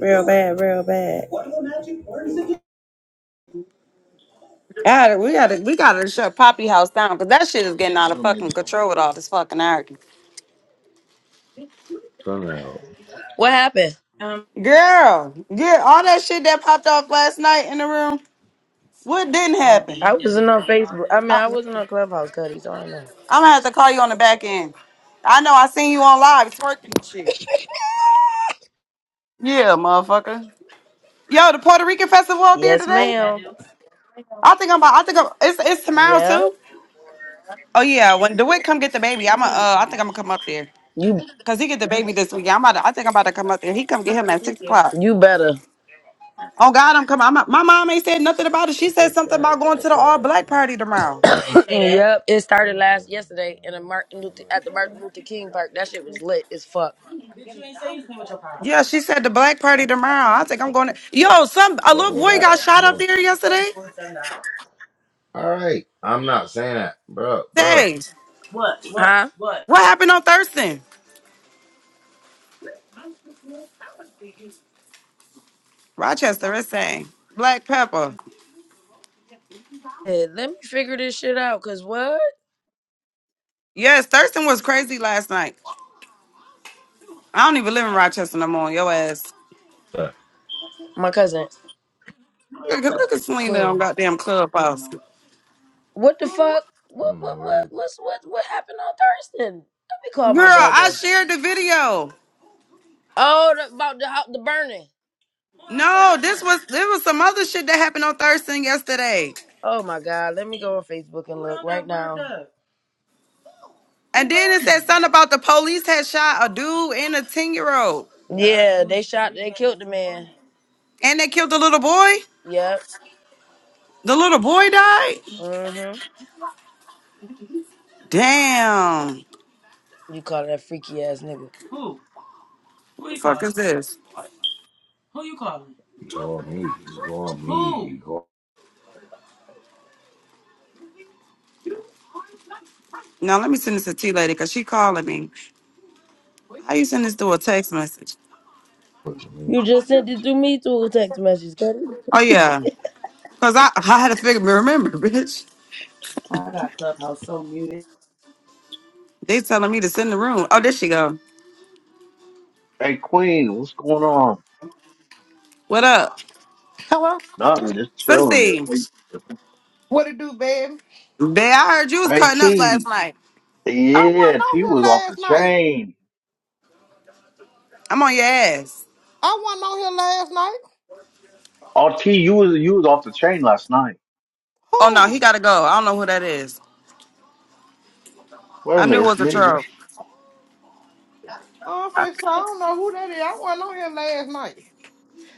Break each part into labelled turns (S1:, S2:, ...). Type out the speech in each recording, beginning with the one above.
S1: Real bad, real bad. God, we gotta, we gotta shut Poppy House down because that shit is getting out of fucking control with all this fucking anarchy.
S2: Somehow. What happened?
S1: Girl, yeah, all that shit that popped off last night in the room, what didn't happen?
S2: I wasn't on Facebook. I mean,
S1: I,
S2: I wasn't on Clubhouse, Cuddy, so I don't know.
S1: I'm gonna have to call you on the back end. I know I seen you on live twerking and shit. Yeah, motherfucker. Yo, the Puerto Rican festival out there
S2: Yes,
S1: today.
S2: ma'am.
S1: I think I'm. About, I think I'm, it's it's tomorrow
S2: Yep.
S1: too. Oh yeah, when DeWitt come get the baby, I'm. A, uh, I think I'm gonna come up there.
S2: You
S1: Cause he get the baby this weekend. I'm about to, I think I'm about to come up there. He come get him at six o'clock.
S2: you better.
S1: Oh God, I'm coming. I'm not, my mom ain't said nothing about it. She said something about going to the all black party tomorrow.
S2: yep. It started last yesterday in a Martin Luther at the Martin Luther King Park. That shit was lit as fuck.
S1: Yeah, she said the black party tomorrow. I think I'm going to. Yo, some a
S2: All
S1: little boy got shot up there yesterday.
S2: right. I'm not saying that. Bro, bro.
S1: Say,
S2: What? What? Huh? What?
S1: what happened on Thurston? Rochester, it's saying black pepper.
S2: Hey, let me figure this shit out. Cause what?
S1: Yes, Thurston was crazy last night. I don't even live in Rochester no more. Yo ass.
S2: What? My cousin.
S1: Look, at- look at Selena on
S2: Queen.
S1: goddamn clubhouse.
S2: What the fuck? What what what what's what what happened on Thurston? Let me call
S1: Girl,
S2: my
S1: I
S2: brother.
S1: shared the video.
S2: Oh, the, about the hou- the burning.
S1: No, this was this was some other shit that happened on Thurston yesterday.
S2: Oh my God! Let me go on Facebook and look right now.
S1: And then it said something about the police had shot a dude and a 10 year old.
S2: Yeah, they shot. They killed the man.
S1: And they killed the little boy?
S2: Yep.
S1: The little boy died?
S2: Mm-hmm.
S1: Damn.
S2: You call that freaky ass nigga?
S1: What the fuck is this?
S2: You call me. You call You call
S1: Now let me send this to T Lady because she calling me. How you send this through a text message?
S2: me. You just sent it to me through a text message, Cuddy.
S1: Oh yeah. Cause I, I had to figure remember, bitch.
S2: I
S1: They telling me to send the room. Oh, there she go.
S3: Hey Queen, what's going on?
S1: What up?
S4: Hello, sister.
S3: Nothing, just chilling.
S1: Sissy.
S3: Hey
S4: What it do, baby?
S1: Bae, I heard you was
S3: hey,
S1: cutting up
S3: T,
S1: last night.
S4: I
S3: yeah,
S4: wasn't on
S3: T
S4: here
S3: was off the
S4: last night.
S3: chain.
S1: I'm on your ass.
S4: I wasn't on here last night.
S3: Oh T, you was you was off the chain last night.
S1: Oh no, he
S4: Who?
S1: gotta go. I don't know who that is.
S3: Wait a
S1: I knew it
S3: minute, it's
S1: was a
S3: me.
S1: troll.
S4: Oh, bitch, I don't know who that is. I wasn't on here last night.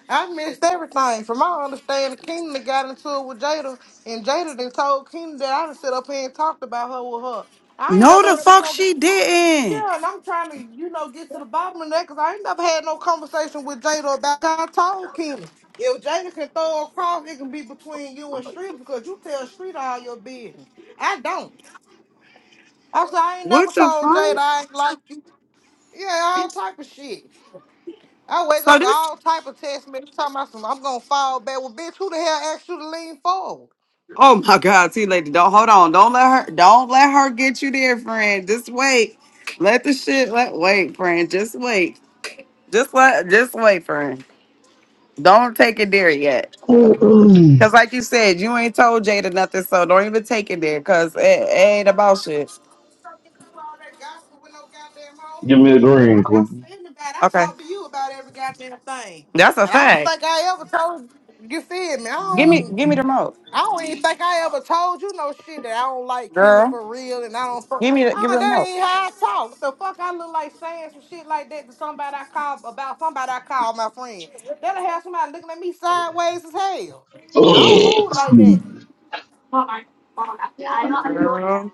S4: I missed everything. From my understanding, Kingdom done got into it with Jada, and Jada then told Kingdom that I done sit up here and talked about her with her. I ain't
S1: No,
S4: never
S1: the
S4: had a
S1: fuck
S4: conversation.
S1: she didn't.
S4: Yeah, and I'm trying to, you know, get to the bottom of that because I ain't never had no conversation with Jada about how tall Kenny. If Jada can throw a cross, it can be between you and Street because you tell Street all your business. I don't. I said I ain't never
S1: What the
S4: told Jada
S1: fuck?
S4: I ain't like you. Yeah, all type of shit. I wake
S1: So
S4: up to
S1: this.
S4: all type of text messages talking about some. I'm gonna fall back. Well, bitch, who the hell asked you to lean forward?
S1: Oh my God, see, lady, don't hold on. Don't let her. Don't let her get you there, friend. Just wait. Let the shit. Let wait, friend. Just wait. Just let. Just wait, friend. Don't take it there yet.
S5: Mm-mm.
S1: Cause like you said, you ain't told Jada nothing, so don't even take it there. Cause it, it ain't about shit.
S4: do all that gospel with no goddamn hoes.
S5: Give me a
S4: If
S5: green,
S4: I gossip
S5: Queen.
S4: to anybody, I
S1: Okay,
S4: talk to you about every goddamn thing.
S1: that's a
S4: And I don't
S1: fact.
S4: think I ever told you feel me. I
S1: Give me,
S4: don't
S1: give me the remote,
S4: I don't even think I ever told you no shit that I don't like Keena
S1: girl.
S4: for real and I don't fuck
S1: Give me, the, give
S4: Oh,
S1: me the
S4: that
S1: remote.
S4: ain't how I talk. What the fuck I look like saying some shit like that to somebody I call about somebody I call my friend. That'll have somebody looking at me sideways as hell. I don't move like that.
S1: Girl,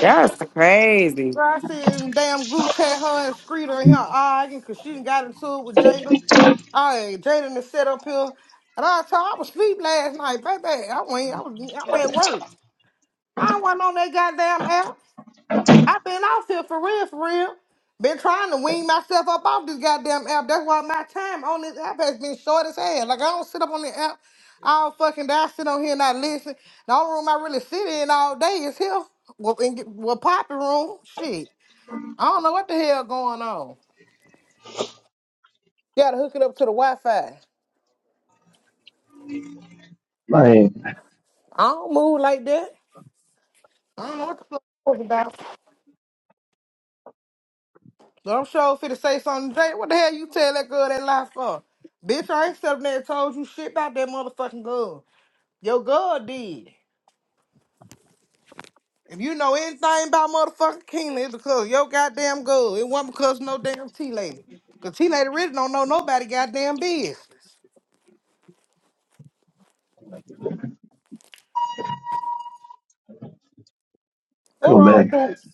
S1: that's crazy.
S4: Girl, I seen damn group chat her and Screeter in here arguing because she done got into it with Jada. I ain't Jada done set up here. And I told I was asleep last night, baby. I went, I was, I'm at work. I wasn't on that goddamn app. i been off here for real, for real. Been trying to wean myself up off this goddamn app. That's why my time on this app has been short as hell. Like, I don't sit up on the app all fucking day. I sit on here and I listen. The only room I really sit in all day is here. Well, in, well poppy room. Shit. I don't know what the hell going on. You gotta hook it up to the Wi Fi.
S5: Man,
S4: I don't move like that. I don't know what the fuck it was about. So I'm sure fit to say something today. What the hell you tell that girl that lie for? Bitch, I ain't sitting there and told you shit about that motherfucking girl. Your girl did. If you know anything about motherfucking Keena, it's because your goddamn girl. It wasn't because no damn T lady. Cause T lady really don't know nobody goddamn business. We're
S5: come
S4: all
S5: back.
S4: boots.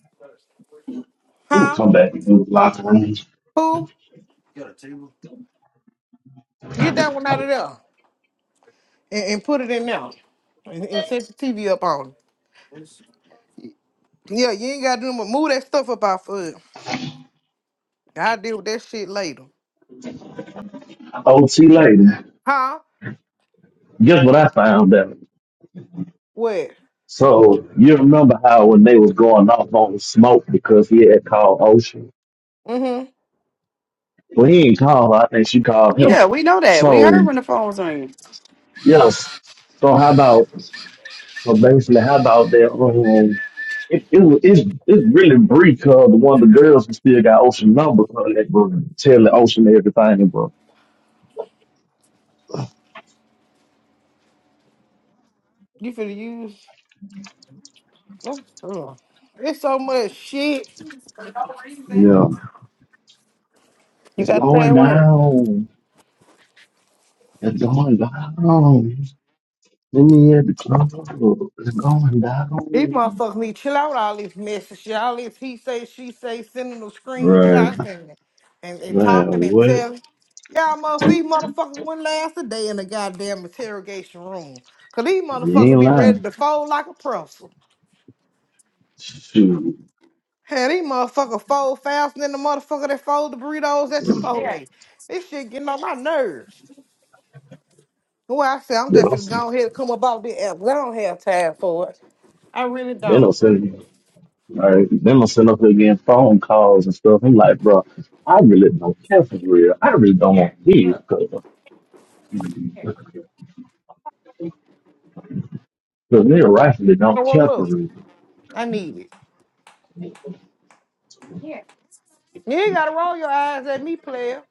S5: Ooh,
S4: Huh?
S5: come back and do the locker room.
S4: Who? Get that one out of there. and, and put it in now and, and set the TV up on. it. Yeah, you ain't gotta do mo- move that stuff up off of. it. I'll deal with that shit later.
S5: OT later.
S4: Huh?
S5: Guess what I found out?
S4: What?
S5: So you remember how when they was going off on smoke because he had called Ocean?
S4: Mm-hmm.
S5: Well, he ain't called her. I think she called him.
S1: Yeah, we know that. We heard
S5: So
S1: when the phone was ringing.
S5: yes. So how about? So basically, how about that? Um, it, it was it's it's really brief because one of the girls who still got Ocean number because they were telling Ocean everything, bro.
S4: You finna use oh, ugh. it's so much shit.
S1: For no reason.
S5: Yeah.
S4: You
S5: It's
S4: got
S5: going
S4: that word.
S5: down. It's going down. In the air, the club. It's going
S4: These
S5: down.
S4: motherfuckers need to chill out with all this message, shit. all this he say, she say, sending them
S5: Right.
S4: screenshots and and, and
S5: Man,
S4: talking and
S5: what?
S4: telling. Y'all motherfuckers, these motherfuckers wouldn't last a day in the goddamn interrogation room. Cause these
S5: You
S4: motherfuckers
S5: ain't
S4: be ready
S5: lying.
S4: to fold like a pretzel.
S5: Shoot.
S4: Hey, these motherfucker fold faster than the motherfucker that fold the burritos at
S1: Here,
S4: Chipotle. This shit getting on my nerves. Well, I said I'm
S5: They
S4: just
S5: don't,
S4: finna go ahead and come about this app. 'cause I don't have time for it. I really
S5: they don't
S4: don't.
S5: send all right, they don't send up there getting phone calls and stuff. I'm like, bro, I really don't care for real. I really don't want
S1: here,
S5: to hear
S1: look,
S5: because
S1: here.
S5: they rightfully don't
S4: So
S5: care
S4: roll
S5: for
S4: up.
S5: real.
S4: I need it. You ain't gotta roll your eyes at me, player.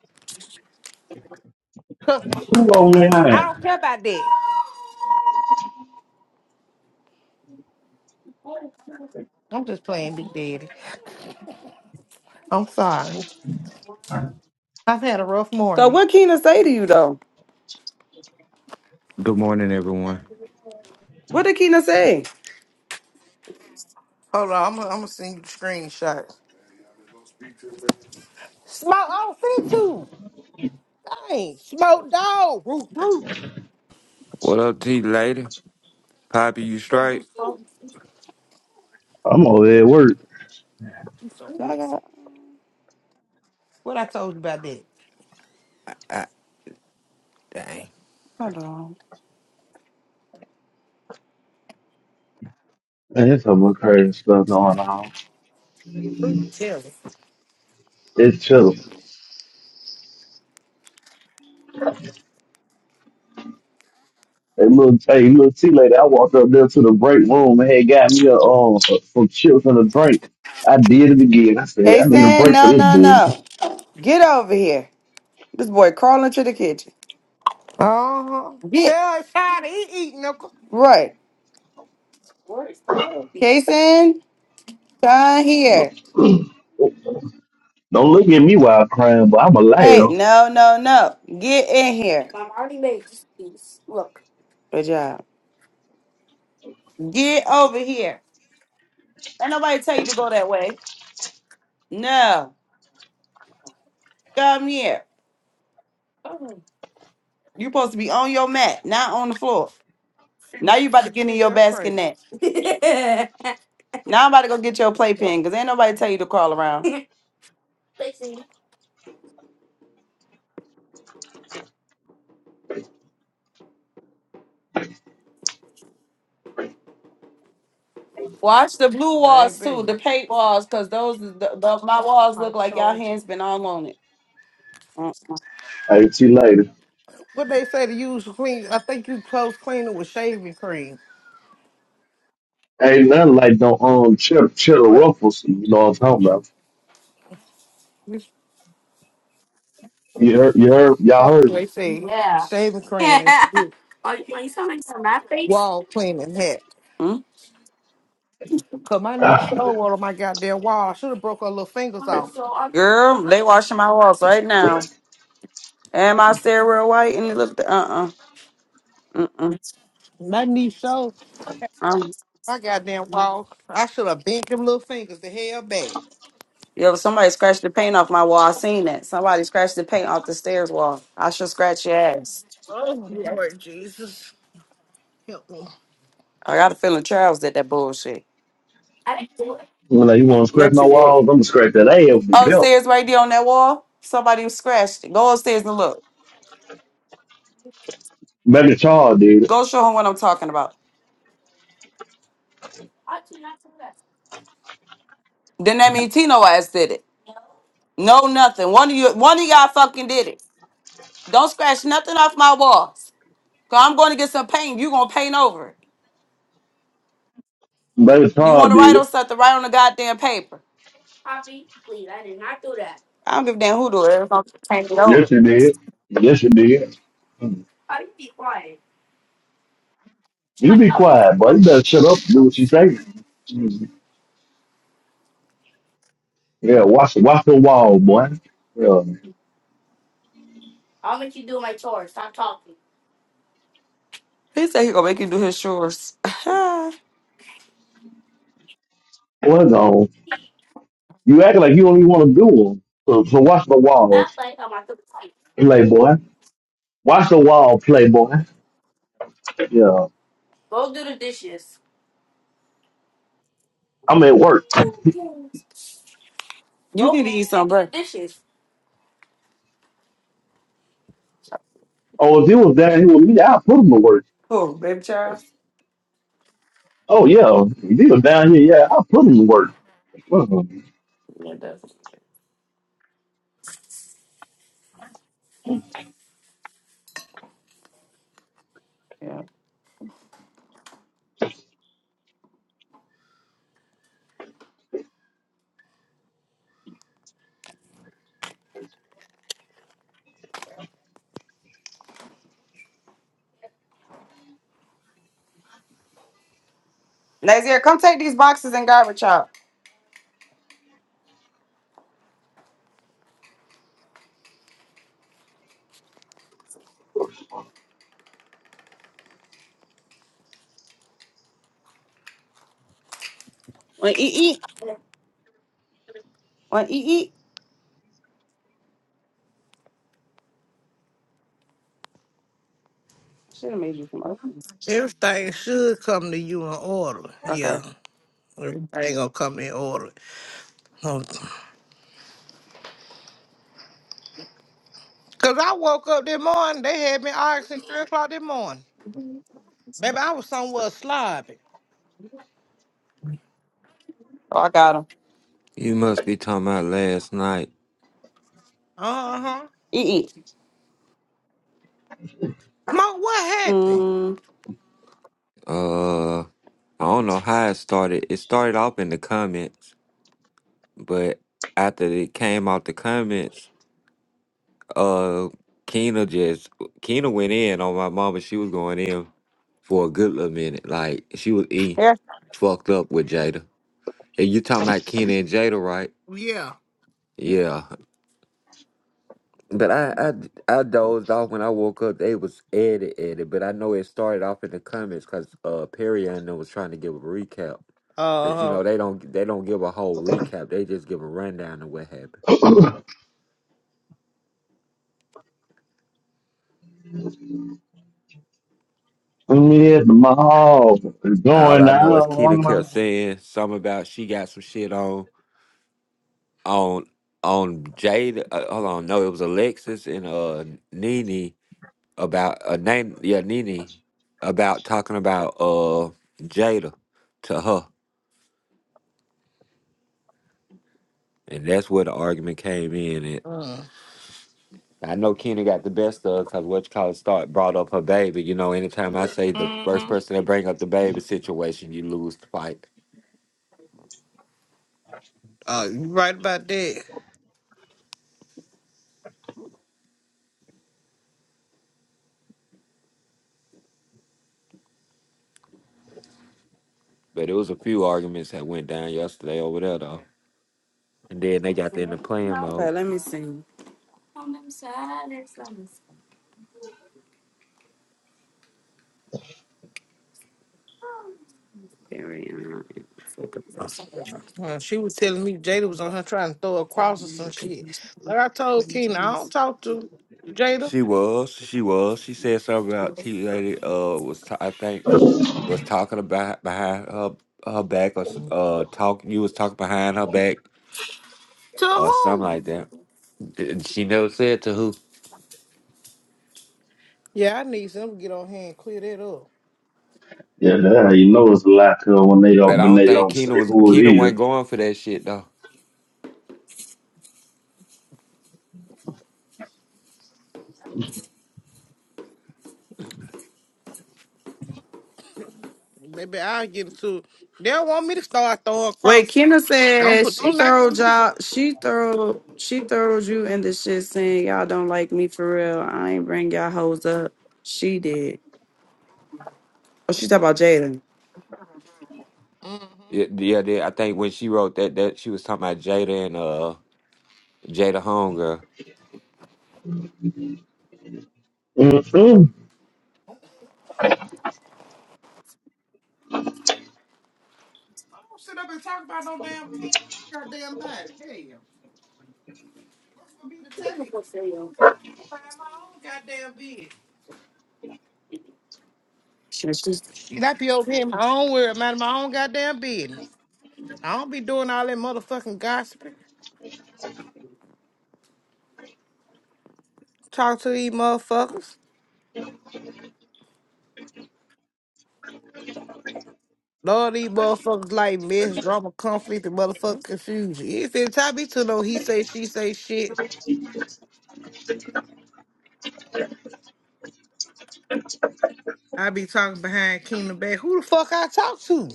S4: Cause
S5: Who on their eye?
S4: I don't care about that. I'm just playing Big Daddy. I'm sorry. I've had a rough
S1: So
S4: morning.
S1: what Keena say to you though?
S6: Good morning, everyone.
S1: What did Keena say?
S4: Hold on, I'm gonna I'm gonna send you the screenshot. Smoke, I don't see two. I ain't smoke dog. Root, root.
S6: What up, T lady? Poppy, you
S4: What to do,
S6: straight?
S4: smoke?
S5: I'm over there at work.
S4: So
S1: I
S4: it's-
S1: got,
S4: What I told you about that?
S6: Ah, dang.
S1: hold on.
S5: And there's so much crazy stuff going on.
S4: Who
S5: It's
S4: tell her?
S5: true. Hey, little hey, little T lady, I walked up there to the break room and had got me a, uh, some chips and a drink. I did it again. I said,
S1: They
S5: I need a
S1: saying
S5: break for
S1: no,
S5: this
S1: no,
S5: bull.
S1: no. Get over here. This boy crawling to the kitchen.
S4: Uh huh.
S1: Get
S4: Tell her tired of eat, eat, knuckle.
S1: right. Kason, come here.
S5: Don't look at me while I'm crying, but I'm a
S1: Hey,
S5: laugh.
S1: no, no, no. Get in here. Good job. Get over here. Ain't nobody tell you to go that way. No, come here. You supposed to be on your mat, not on the floor. Now you about to get in
S4: Shit,
S1: your
S4: they're
S1: basket
S4: crazy,
S1: net. Now I'm about to go get your playpen because ain't nobody tell you to crawl around. Watch the blue walls too, the
S4: baby.
S1: paint walls, because those is the, the, my walls
S4: I
S1: look like y'all
S4: charge you.
S1: hands been all on it.
S5: Hey, T lady,
S4: What they say to use for clean? I think you close cleaner with shaving cream.
S5: ain't nothing like no um cheddar, cheddar
S4: What?
S5: ruffles. You know what I'm talking about?
S4: This
S5: You heard, you heard, y'all
S4: folks,
S5: heard. me.
S4: they say shaving cream is good. Wall cleaning hat.
S1: Mm-mm.
S4: Cause my knee
S5: Ah,
S4: showed one on my goddamn wall. I should have broke her little fingers off.
S1: Girl, they washing my walls right now. And my stairwell white and it looked uh uh mm
S4: My knee so.
S1: um,
S4: My goddamn wall. I should have bent them little fingers the hell back.
S1: yo somebody scratched the paint off my wall. I seen that somebody scratched the paint off the stairs wall. I should scratch your ass.
S4: Oh Lord Jesus. Help me.
S1: I got a feeling Charles did that bullshit.
S5: when I you want to scratch
S1: Yes,
S5: my
S1: you did.
S5: walls, I'm gonna scratch that ass with the belt.
S1: upstairs right there on that wall, somebody scratched it. Go upstairs and look.
S5: Baby Charles did it.
S1: Go show him what I'm talking about. Then that means Tino ass did it. No nothing. One of you one of y'all fucking did it. Don't scratch nothing off my walls. Cause I'm gonna get some paint. You gonna paint over it.
S5: Baby
S1: You
S5: Charles
S1: wanna
S5: did
S1: write on
S5: it.
S1: something, write on the goddamn paper. I don't give a damn who do it. It's gonna paint it
S5: Yes,
S1: over.
S5: he did. Yes, he did. You be quiet, boy. You better shut up and do what she say. Mm. Yeah, watch watch the wall, boy. Yeah.
S1: He said he gonna make you do his chores. you
S5: What's on? You acting like you don't even want to do 'em. So, so watch the walls, playboy. Watch the wall, playboy. Yeah. I'm at work.
S1: need to eat some bread. Dishes.
S5: Oh, if he was down here with me, I'll put him to work.
S1: Who, baby Charles?
S5: Oh yeah. If he was down here, yeah, I'll put him to work.
S1: Yeah, it does. Yeah. Lazia, come take these boxes and garbage out. Well, Eat, Want eat eat? I should have made you some others.
S4: Everything should come to you in order. Yeah.
S1: Okay.
S4: Everything gonna come in order. Um, Cause I woke up this morning, they had me asking three o'clock this morning. Baby, I was somewhere sloppy.
S1: Oh, I got them.
S6: You must be talking about last night.
S4: Uh-huh.
S1: Eat eat.
S4: Smoke, what happened?
S1: Mm,
S6: Uh, I don't know how it started. It started off in the comments, but after it came out the comments, uh, Keena just Keena went in on my mama. She was going in for a good little minute. Like she was e
S1: here.
S6: fucked up with Jada. And you talking about Keena and Jada, right?
S4: Yeah.
S6: Yeah. But I, I I dozed off when I woke up. They was edit edit, but I know it started off in the comments because uh Perry and them was trying to give a recap. But you
S4: Uh-huh.
S6: know they don't they don't give a whole recap. They just give a rundown of what happened.
S5: I'm at the mall. It's
S6: All
S5: going
S6: I know is Keena kept
S5: down.
S6: saying something about she got some shit on on on Jada. Uh, hold on, no, it was Alexis and uh Nene about a uh, name. Yeah, Nene about talking about uh Jada to her. And that's where the argument came in. And
S4: Mm.
S6: I know Kenny got the best of because what you call it start brought up her baby. You know, anytime I say the first
S4: Mm-hmm.
S6: person that bring up the baby situation, you lose the fight.
S4: Uh, you right about that.
S6: But it was a few arguments that went down yesterday over there though. And then they got in the playing
S1: Okay,
S6: mode.
S1: let me see. Very nice.
S4: Uh, she was telling me Jada was on her trying to throw a cross or some shit. But I told Keena, I don't talk to Jada.
S6: She was, she was. She said something about T lady uh was ta- I think was talking about behind her her back or s- uh talk you was talking behind her back
S4: To
S6: or something like
S4: who?
S6: that. And She never said to who.
S4: Yeah, I need something to get on here and clear that up.
S5: Yeah, that how you know it's a lie, 'cause when they don't
S6: But I
S5: when
S6: don't
S5: they
S6: think
S5: don't
S6: Keena
S5: say
S6: was
S5: who it
S6: Keena
S5: is.
S6: wasn't going for that shit though.
S4: Baby, I'll get it too. They don't want me to start throwing
S1: Wait,
S4: crosses.
S1: Kenna
S4: Don't
S1: said
S4: put
S1: she
S4: don't allow
S1: throw
S4: me.
S1: y'all. She throw. She throws you in the shit, saying y'all don't like me for real. I ain't bring y'all hoes up. She did. Oh, she talking about Jalen.
S4: Mm-hmm.
S6: Yeah, yeah, they- I think when she wrote that, that she was talking about Jada and uh Jada Hunger.
S5: Mm-mm.
S4: I don't sit up and talk about no damn thing. I got damn body. Hell. What's for me to take? Find my own goddamn bed.
S1: She- she's-
S4: Shit, I be over here in my own world, man, my own goddamn business. I don't be doing all that motherfucking gossiping. Talk to these motherfuckers. Lord, these motherfuckers like mess, drama, conflict, and motherfucking confusion. If it tie me to no he say, she say shit. I be talking behind Keena back. Who the fuck I talk to?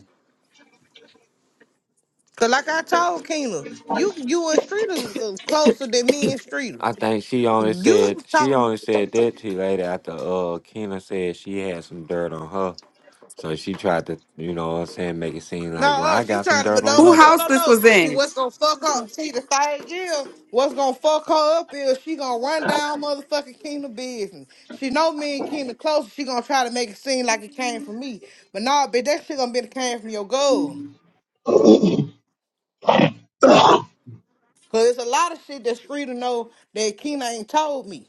S4: Cause like I told Keena, you you and Streeter uh, closer than me and Streeter.
S6: I think she only
S4: You
S6: said she
S4: talk
S6: only said that to later after uh Keena said she had some dirt on her. So she tried to, you know what I'm saying, make it seem
S4: no,
S6: like, well,
S4: uh,
S6: I
S4: she
S6: got some
S4: trying to
S6: dirt on
S4: no
S1: Who
S4: no
S6: you.
S4: no
S1: house
S4: no
S1: this
S4: no.
S1: was
S4: See
S1: in?
S4: what's gonna fuck up? See the thing is, what's gonna fuck her up is she gonna run down motherfucking Keena business. She know me and Keena closer. She gonna try to make it seem like it came from me, but nah, bitch, that shit gonna be the came from your goal. Cause it's a lot of shit that Streeter know that Keena ain't told me.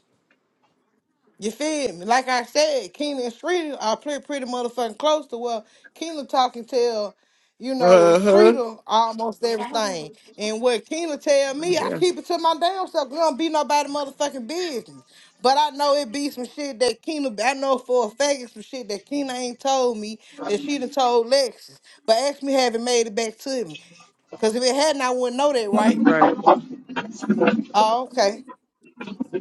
S4: You feel me? Like I said, Keena and Streeter are pretty, pretty motherfucking close to well. Keena talking tell, you know,
S1: Uh huh.
S4: Streeter almost everything. And what Keena tell me, I
S1: Yes.
S4: keep it to my damn self. It don't be nobody motherfucking business. But I know it be some shit that Keena, I know for a fact it's some shit that Keena ain't told me that she done told Lexus. But ask me have it made it back to me. Cause if it hadn't, I wouldn't know that, right?
S1: Right.
S4: Oh, okay.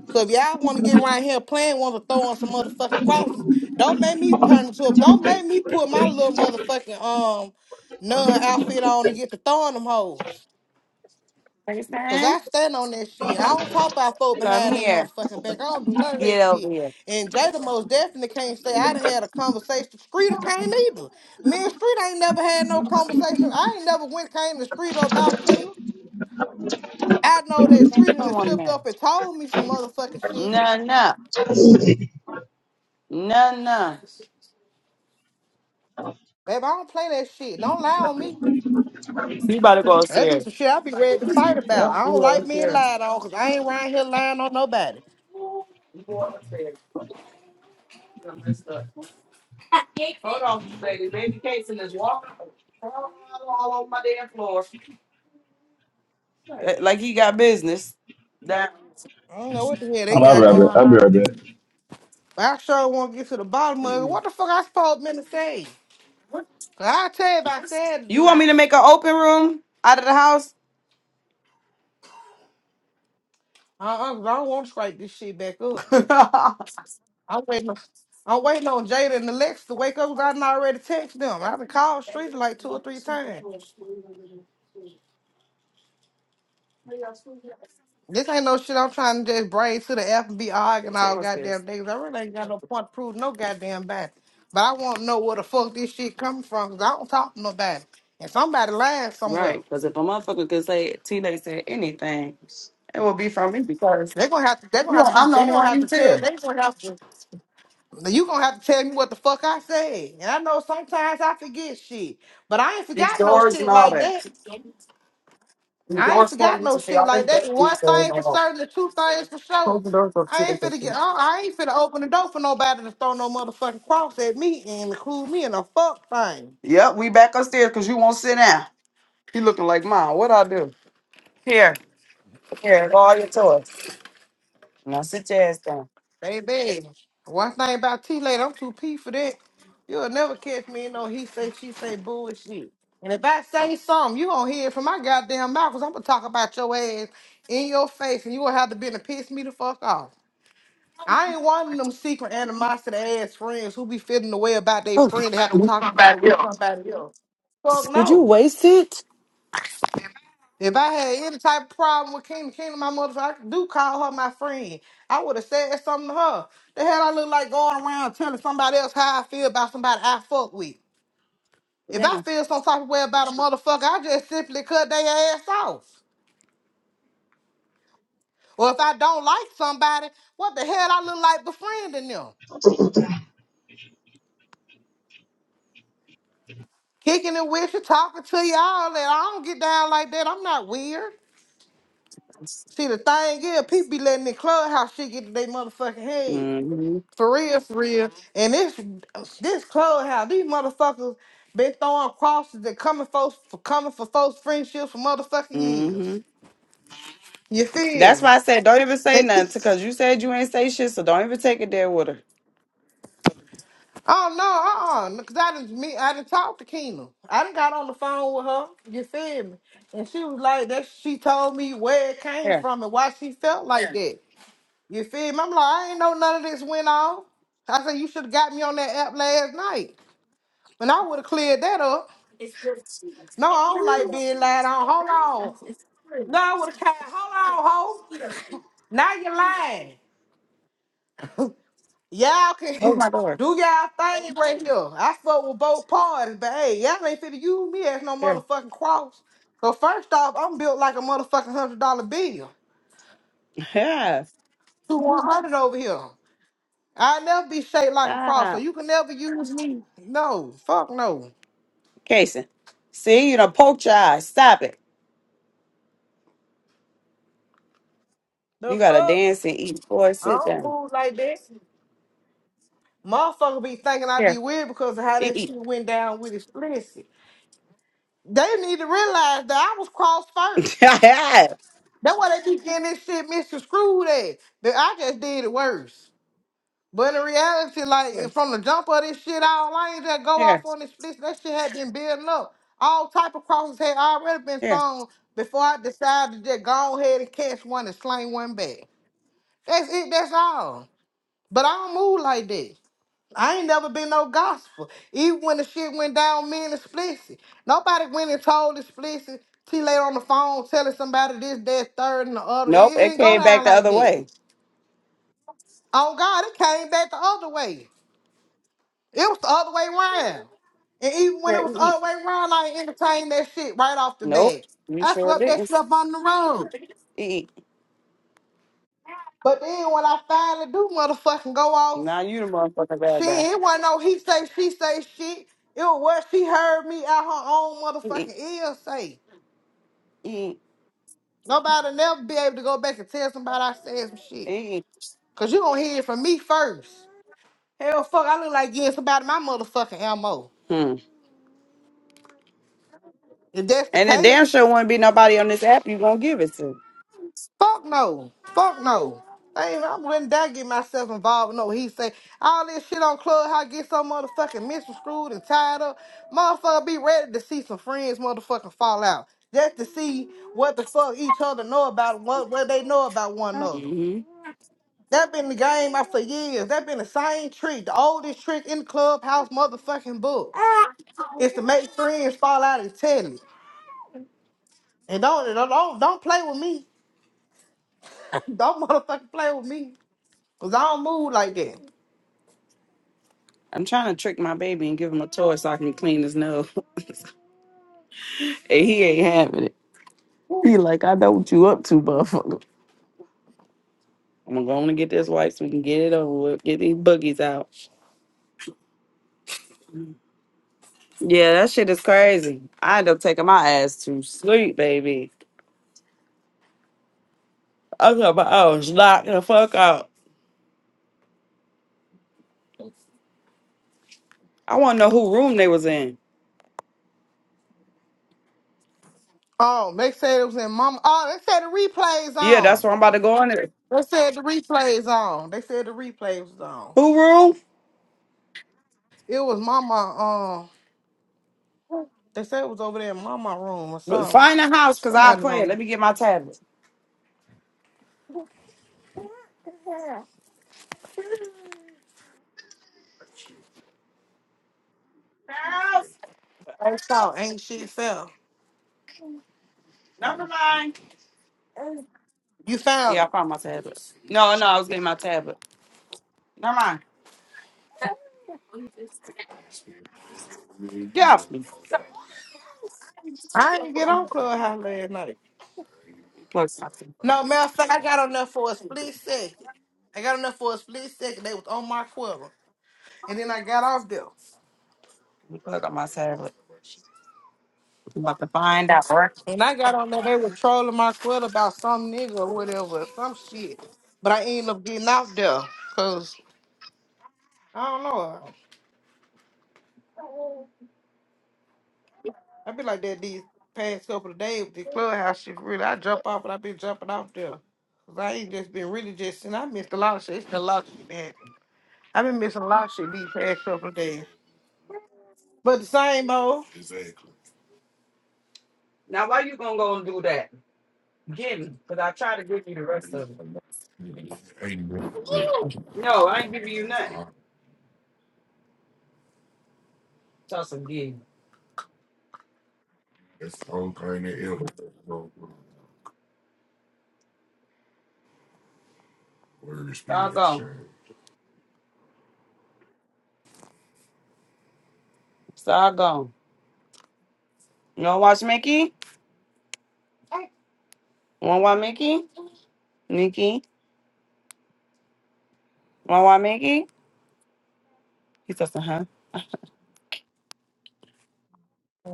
S4: So if y'all want to get around here playing, want to throw on some motherfucking qualities, don't make me turn into a. Don't make me put my little motherfucking um nun outfit on and get to throwing them hoes. Cause
S1: Pakistan,
S4: I stand on that shit. I don't talk about folk
S1: come
S4: behind they
S1: here.
S4: motherfucking back. I don't do none of that
S1: Get over
S4: shit.
S1: here.
S4: And Jada most definitely can't say I done had a conversation. Streeter can't either. Me and Street ain't never had no conversation. I ain't never went came to Streeter about Tina. I know that Streeter done
S1: Come on,
S4: slipped
S1: man.
S4: up and told me some motherfucking shit.
S1: No, no, no, no.
S4: Babe, I don't play that shit. Don't lie on me.
S1: So you better go
S4: That be
S1: upstairs.
S4: some shit I be ready to fight
S1: Yep,
S4: about. I
S1: you
S4: don't
S1: go
S4: like being
S1: upstairs.
S4: lied on because I ain't around here lying on nobody.
S1: You go upstairs. You're messed up. Hold on, lady. Baby Casey is walking all all over my damn floor. Uh, Like he got business. That,
S4: I don't know what the hell they
S5: I'm, I'll be
S4: got
S1: you
S5: right back.
S1: know.
S4: going
S5: I'll be
S4: on.
S5: right back.
S4: But I sure want to get to the bottom of it. What the fuck I supposed men to say?
S1: What?
S4: 'Cause I'll tell you if I said it or
S1: You want me to make an open room out of the house?
S4: Uh-uh, 'cause I don't want to strike this shit back up. I'm waiting on, I'm waiting on Jada and Alexa to wake up, cause I done already text them. I done called Street like two or three times. This ain't no shit I'm trying to just bring to the FBI and B arguing
S1: Take
S4: all
S1: my stairs.
S4: goddamn things. I really ain't got no point to prove no goddamn bad. But I want to know where the fuck this shit coming from. Cause I don't talk to nobody. And somebody lying somewhere.
S1: Right, because if a motherfucker could say T. Tina said anything, it will be from me because
S4: They're gonna have to. They're
S1: you
S4: gonna
S1: know
S4: have to.
S1: I'm the
S4: They're
S1: only
S4: gonna
S1: one
S4: have
S1: you
S4: to tell.
S1: tell.
S4: They're gonna have to. You gonna have to tell me what the fuck I said. And I know sometimes I forget shit, but I ain't
S1: These
S4: forgot no
S1: doors and
S4: shit
S1: all
S4: like
S1: that.
S4: that.
S1: The
S4: I ain't
S1: door's closed.
S4: forgot
S1: You
S4: no
S1: can see
S4: shit
S1: all this
S4: like that.
S1: dirt.
S4: One
S1: and So it's
S4: thing
S1: like,
S4: for
S1: oh, no, no.
S4: certain, the two things for sure.
S1: close the doors up to
S4: I
S1: the
S4: ain't finna get.
S1: kitchen.
S4: I I ain't finna open the door for nobody to throw no motherfucking cross at me and include me in a fuck thing.
S1: Yep, we back upstairs because you won't sit down. You looking like mom. What I do? Here, here, all your toys. Now sit your ass down.
S4: Baby, one thing about T lady, I'm too pee for that. You'll never catch me in no he say she say bullshit. And if I say something, you gonna hear it from my goddamn mouth, cause I'm gonna talk about your ass in your face, and you gonna have to be to piss me the fuck off. I ain't wanting them secret animosity ass friends who be feeling the way about their
S1: Oh,
S4: friend to have to talk about it with somebody else. Fuck
S1: did you
S4: no.
S1: waste it?
S4: If I had any type of problem with Kingdom, Kingdom, my mother, I do call her my friend. I would have said something to her. The hell I look like going around telling somebody else how I feel about somebody I fuck with.
S1: Sit
S4: If I
S1: down.
S4: feel some type of way about a motherfucker, I just simply cut their ass off. Or if I don't like somebody, what the hell I look like befriending them? kicking and wishing, talking to y'all, that I don't get down like that. I'm not weird. See, the thing is, people be letting the clubhouse shit get to their motherfucking head.
S1: Mm-hmm.
S4: For real, for real. And this this clubhouse, these motherfuckers been throwing crosses and coming folks for coming for folks' friendships for motherfucking
S1: Mm-hmm.
S4: years. You feel
S1: That's
S4: me?
S1: why I said don't even say nothing
S4: It's-
S1: because you said you ain't say shit, so don't even take it there with her.
S4: Oh no, uh uh cause I didn't me I didn't talk to Keena. I didn't got on the phone with her. You feel me? And she was like that. She told me where it came
S1: Here,
S4: from and why she felt like that. You feel me? I'm like, I ain't know none of this went off. I said, you should have got me on that app last night. And I would have cleared that up. No, I don't like being lied on. Hold on. No, I would have came. Hold on, ho. Now you're lying. Y'all can
S1: close my door.
S4: do y'all thing right here. I fuck with both parties, but hey, y'all ain't finna use me as no
S1: Here.
S4: motherfucking cross. So first off, I'm built like a motherfucking hundred dollar bill.
S1: Yeah.
S4: Two one hundred over here. I never be shaped like a cross, so
S1: Stop.
S4: you can never use me. No, fuck no.
S1: Casey. See, you done poked your eye. Stop it. You
S4: The
S1: gotta
S4: fuck?
S1: dance and eat. Boy,
S4: I
S1: sit
S4: don't
S1: down.
S4: move like that. Motherfucker be thinking I
S1: Here,
S4: be weird because of how
S1: eat,
S4: that
S1: eat.
S4: shit went down with explicit. They need to realize that I was crossed first.
S1: here,
S4: That's why they be getting this shit Mr. Screwed at. That I just did it worse. But in reality, like from the jump of this shit, all I ain't just go
S1: here,
S4: off on this split. That shit had been building up. All type of crosses had already been
S1: here.
S4: thrown before I decided to just go ahead and catch one and sling one back. That's it. That's all. But I don't move like that. I ain't never been no gospel. Even when the shit went down, me and the Explicit. Nobody went and told the Explicit. T laid on the phone telling somebody this, that, third, and the other. It it
S1: Nope, it
S4: didn't go
S1: came back
S4: down
S1: the
S4: like
S1: other
S4: that.
S1: way.
S4: Oh God, it came back the other way. It was the other way around. And even when it
S1: Here,
S4: was the
S1: eat, eat.
S4: other way around, I ain't entertained that shit right off the
S1: Nope,
S4: bat.
S1: you
S4: I
S1: sure
S4: swept that
S1: didn't.
S4: shit up on the road.
S1: Eat, eat.
S4: But then when I finally do motherfucking go off,
S1: Now you the motherfucking bad guy.
S4: shit, it wasn't no he say, she say shit. It was what she heard me out her own
S1: Eat,
S4: motherfucking ear say.
S1: eat,
S4: Nobody never be able to go back and tell somebody I said some shit.
S1: eat, eat.
S4: Cause you gonna hear it from me first. Hell fuck, I look like getting somebody my motherfucking ammo.
S1: Hmm.
S4: If that's the
S1: And it damn
S4: case.
S1: sure wouldn't be nobody on this app you gonna give it to.
S4: Fuck no. Fuck no. I ain't, I wouldn't dare get myself involved with no he say. All this shit on Clubhouse get so motherfucking misconstrued and tied up. Motherfucker be ready to see some friends motherfucking fall out. Just to see what the fuck each other know about what what they know about one another.
S1: hmm
S4: That been the game out for years. That been the same trick, the oldest trick in the clubhouse motherfucking book. Is to make friends fall out and tell it. And don't don't don't don't play with me. Don't motherfucking play with me. Cause I don't move like that.
S1: I'm trying to trick my baby and give him a toy so I can clean his nose. and he ain't having it. He like, I know what you up to, motherfucker. I'm gonna go on and get this wipe so we can get it over with, get these boogies out. Yeah, that shit is crazy. I end up taking my ass to sleep, baby. I was, about, I was knocked the fuck out. I want to know who room they was in.
S4: Oh, they said it was in mama. Oh, they said the replays
S1: Yeah, that's
S4: on.
S1: where I'm about to go in there.
S4: They said the replays on. They said the replays was on.
S1: Who room?
S4: It was mama. Um, they said it was over there in mama room or
S1: But
S4: something.
S1: Find a house, cause I
S4: Somebody
S1: play it.
S4: room.
S1: Let me get my tablet. House,
S4: I saw ain't shit fell.
S1: never mind.
S4: You found
S1: Yeah, I
S4: it.
S1: found my tablet. No, no, I was getting my tablet. Never mind. Get off me.
S4: I didn't get on Clubhouse last night.
S1: Plug something.
S4: No matter of fact, I got on there for a split second. I got on there for a split second. They was on my quarter, and then I got off there.
S1: Let me Plug up my tablet. I'm about to find out. all right?
S4: And I got on there, they were trolling my foot about some nigga or whatever, some shit. But I ended up getting out there because I don't know. I be like that these past couple of days with the clubhouse shit. Really, I jump off, but I been jumping off there. 'Cause I ain't just been really just, and I missed a lot of shit. It's been a lot of shit that happened. I've been missing a lot of shit these past couple of days. But the same old.
S1: Now, why you gonna go and do that? Give me, cause I tried to give you the rest of it. No, I ain't giving you nothing. Tussle gig. Y'all go. So You wanna watch Mickey? Wanna watch Mickey? Mickey? Wanna watch Mickey? He says, uh huh.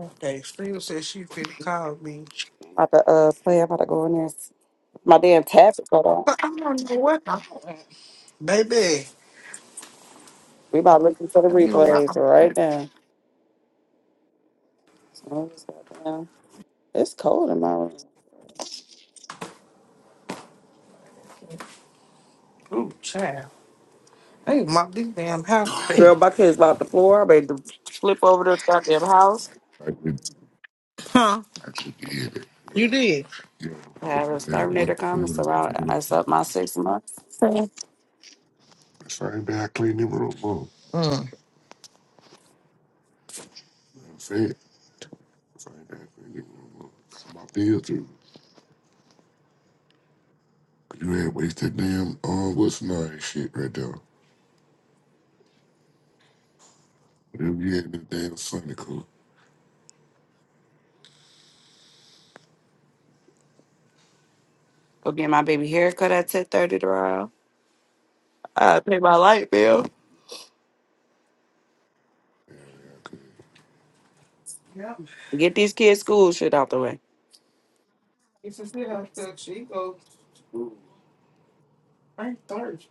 S4: Okay, Steve said she finna call me.
S1: I'm About to uh play, I'm about to go in there. My damn tabs got on.
S4: But I don't know what. the- Baby.
S1: We about to listen to the
S4: I be on my
S1: replays
S4: own.
S1: right now. So it's goddamn- it's cold in my room.
S4: Ooh, child. Hey, mop this damn house. clean.
S1: Girl, my kids about the floor. I made them flip over this goddamn house.
S4: Huh? You did.
S1: I have a Terminator coming, so I, I up my six months.
S4: Mm.
S1: Go get my baby haircut at ten thirty tomorrow. I pay my light bill.
S4: Yep.
S1: Get these kids' school shit out the way.
S4: It's a sit out there. She goes. I ain't thirsty.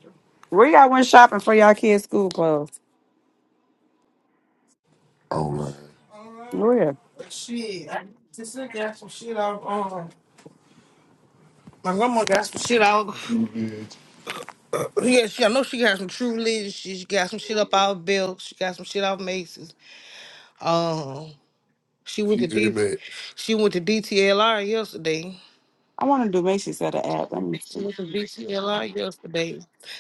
S1: Where y'all went shopping for y'all kids' school clothes?
S4: Uh,
S1: Where?
S4: but shit, I just got some shit off. Um, my grandma got some shit off. yeah, she. I know she got some True Religion. She, she got some shit up out Bill. She got some shit off Macy's. Um, she went to D. at She went to DTLR yesterday.
S1: I want to do Macy's at the app. Let me
S4: She
S1: see.
S4: was in BCLI yesterday.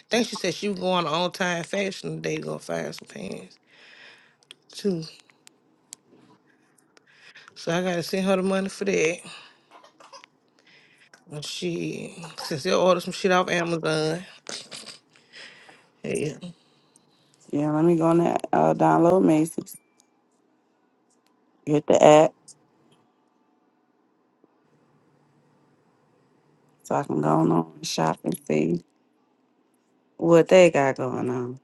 S4: think she said she was going to on time fashion today to go find some pants too. So I gotta send her the money for that. And she since they ordered some shit off Amazon. Yeah.
S1: Yeah, let me go on that. Uh, download Macy's. Get the app so I can go on and shop and see what they got going on.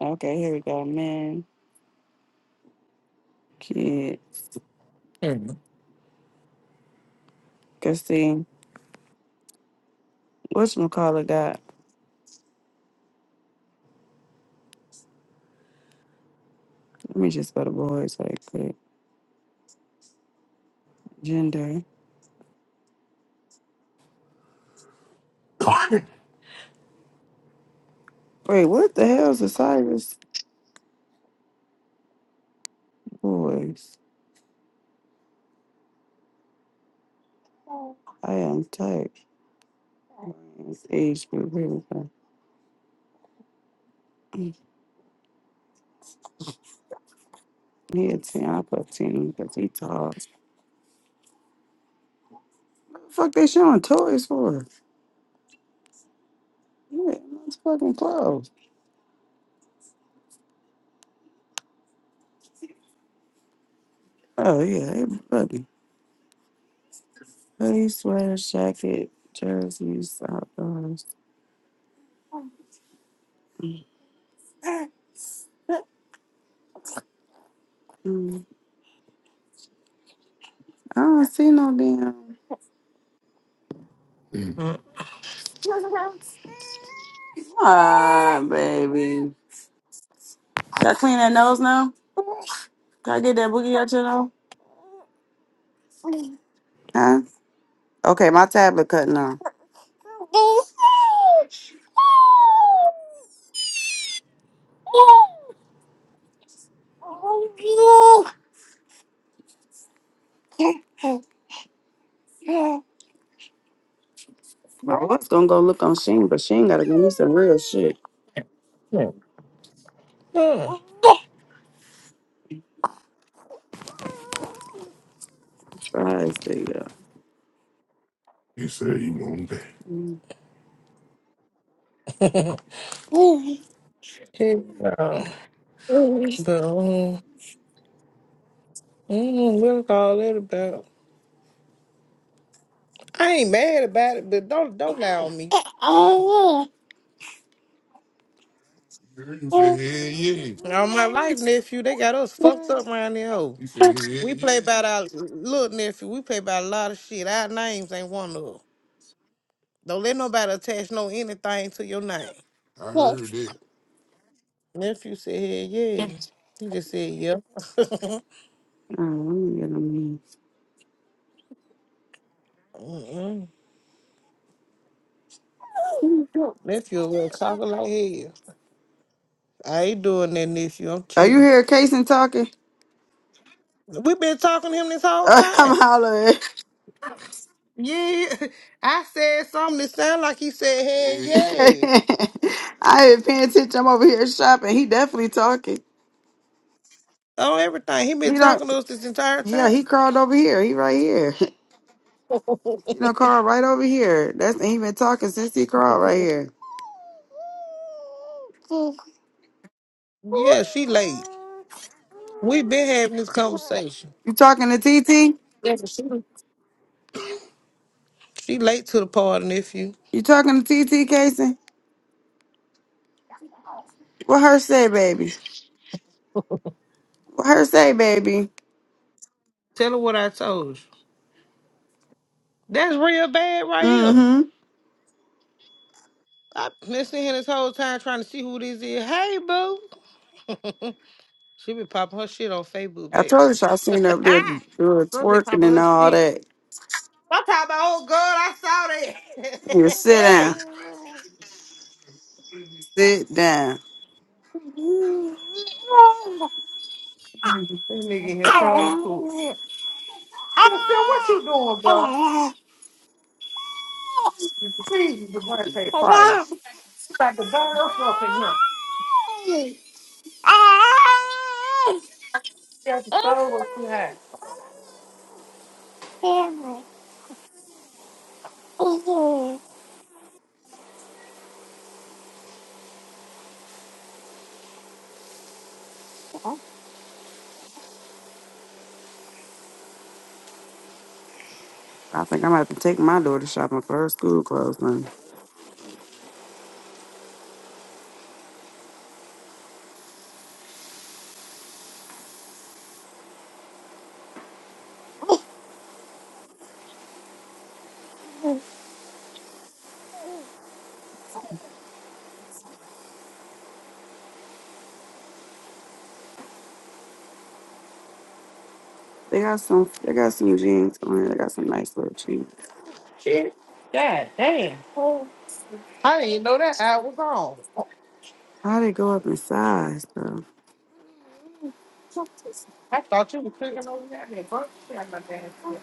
S1: Okay, here we go. Men, kids. Cause see, what's McCullough got? Let me just go to boys right quick. Gender. Wait, what the hell is the Cyrus boys? I am type. Age group. Here we go. Yeah, 10. I put 10 because he tall. Fuck they showing toys for? Yeah, it's fucking clothes. Oh, yeah, everybody. Hoodie, sweater, jacket, jerseys, outdoors. Mm, I don't see no damn.
S4: Hmm.
S1: Ah, baby. got I clean that nose now? Can I get that boogie out your nose? Huh? Okay, my tablet cutting off. I was gonna go look on Sheen, but Sheen gotta give me some real shit.
S4: hmm Huh.
S1: Surprise, there you go.
S4: Hey, uh, but um, I don't know what it's all that about. I ain't mad about it, but don't don't lie on me. All my life, nephew, they got us fucked up around there. hoe. We play about our little nephew. We play by a lot of shit. Our names ain't one of them. Don't let nobody attach no anything to your name. Nephew said, hey, yeah. He just said, yeah.
S1: All right, let me get
S4: Mm-mm.
S1: on here.
S4: nephew was talking like hell. I ain't doing that, nephew. I'm
S1: Are you
S4: chilling.
S1: here, Kason talking?
S4: we been talking to him this whole
S1: Uh, I'm
S4: time.
S1: hollering.
S4: Yeah, I said something that sounded like he said, hey, yeah.
S1: I ain't paying attention. I'm over here shopping. He definitely talking.
S4: yeah. On everything. He
S1: He
S4: been
S1: don't.
S4: talking to us this entire
S1: Yeah,
S4: time.
S1: he crawled over here. He right here. You know, crawled right over here. That's he been talking since he crawled right here.
S4: Yeah, she late. We've been having this conversation.
S1: You talking to TT?
S4: Yeah, but she she late to the party, nephew.
S1: You talking to TT, Kason? What her say, baby? What her say, baby?
S4: Tell her what I told you. That's real bad right here.
S1: Mm-hmm.
S4: I've been sitting here this whole time trying to see who this is. Hey, boo. She be popping her shit on Facebook,
S1: I
S4: baby.
S1: told you I seen her up there doing
S4: Some be
S1: twerking
S4: popping
S1: and
S4: her
S1: all
S4: shit.
S1: that.
S4: I'm talking about, oh, God, I saw
S1: Yeah,
S4: that.
S1: sit down.
S4: hey.
S1: Sit down.
S4: This nigga in here trying to cook. She said, what you doing, bro? Please, the one take price. About to burn us up in here. That's the soul was too high.
S1: I think I'm gonna have to take my daughter shopping for her school clothes. Honey. They got some. They got some jeans on there. They got some nice little jeans.
S4: Shit. God damn. I didn't even know that ad was on.
S1: How they go up in size though?
S4: I thought you were clicking over there. I didn't fuck shit out my damn shit.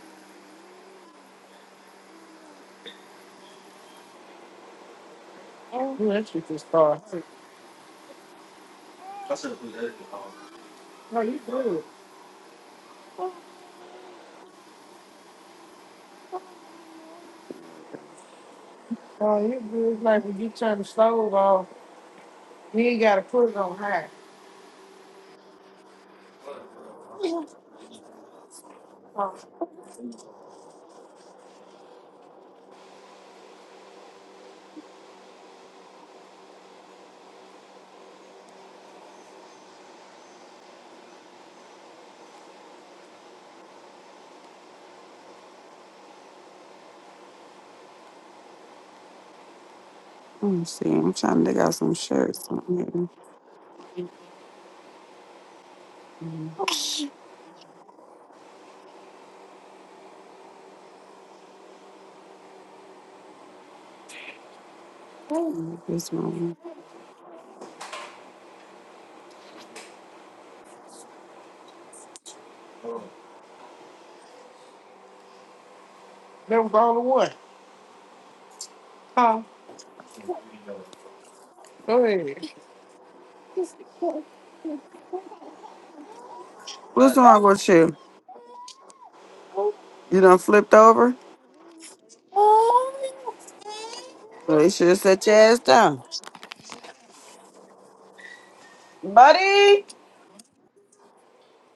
S4: Ooh, that shit just started. No, you good.
S1: Yeah, like that.
S4: Oh, you good. It's Like when you turn the stove off, you ain't got to put it on high. Oh,
S1: Let me see. I'm trying. They got some shirts on here. Mhm. Maybe This one.
S4: that was all the one. Huh? Go ahead.
S1: What's wrong with you? You done flipped over? Well, they should have set your ass down, buddy.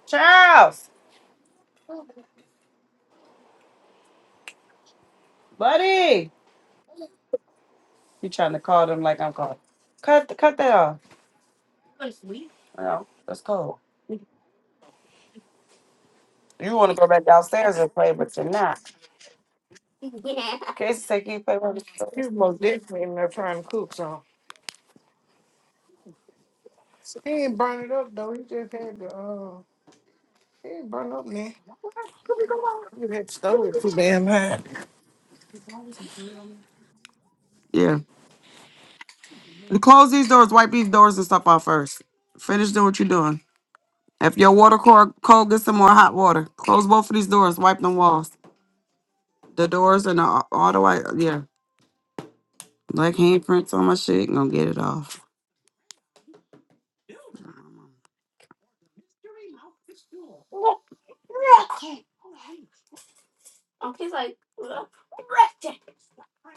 S1: Charles, buddy. You trying to call them like I'm calling? Cut. Cut that off. No, that's cold. You want to go back downstairs and play, but you're not. Casey said, "Can you play with me?"
S4: He was most definitely in there trying to cook some. He ain't burn it up, though. He just had the uh, he ain't burn up, man. He just had the stove too damn high.
S1: Yeah. And close these doors. Wipe these doors and stuff off first. Finish doing what you're doing. If your water cord cold, get some more hot water. Close both of these doors. Wipe them walls. The doors and the, all the white. Yeah. Like handprints on my shit. Gonna get it off.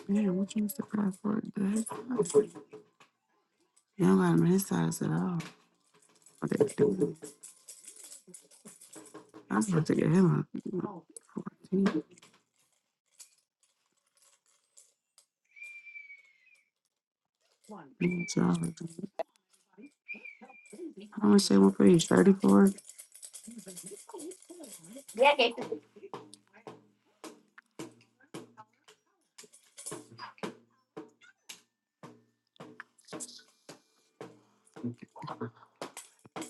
S1: Man, what you surprised for? The his side? You don't got him on his side at all. What they doing? I am about to get him a 14. Good job. How much they want for you? 34?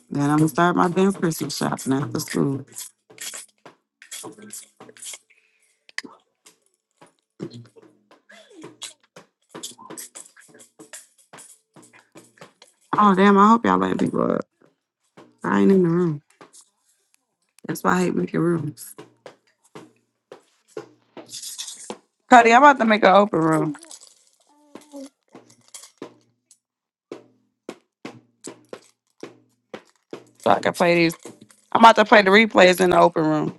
S1: Then I'm gonna start my damn Christmas shopping after school. Oh damn! I hope y'all let people up. I ain't in the room. That's why I hate making rooms. Cody, I'm about to make an open room so I can play these. I'm about to play the replays in the open room.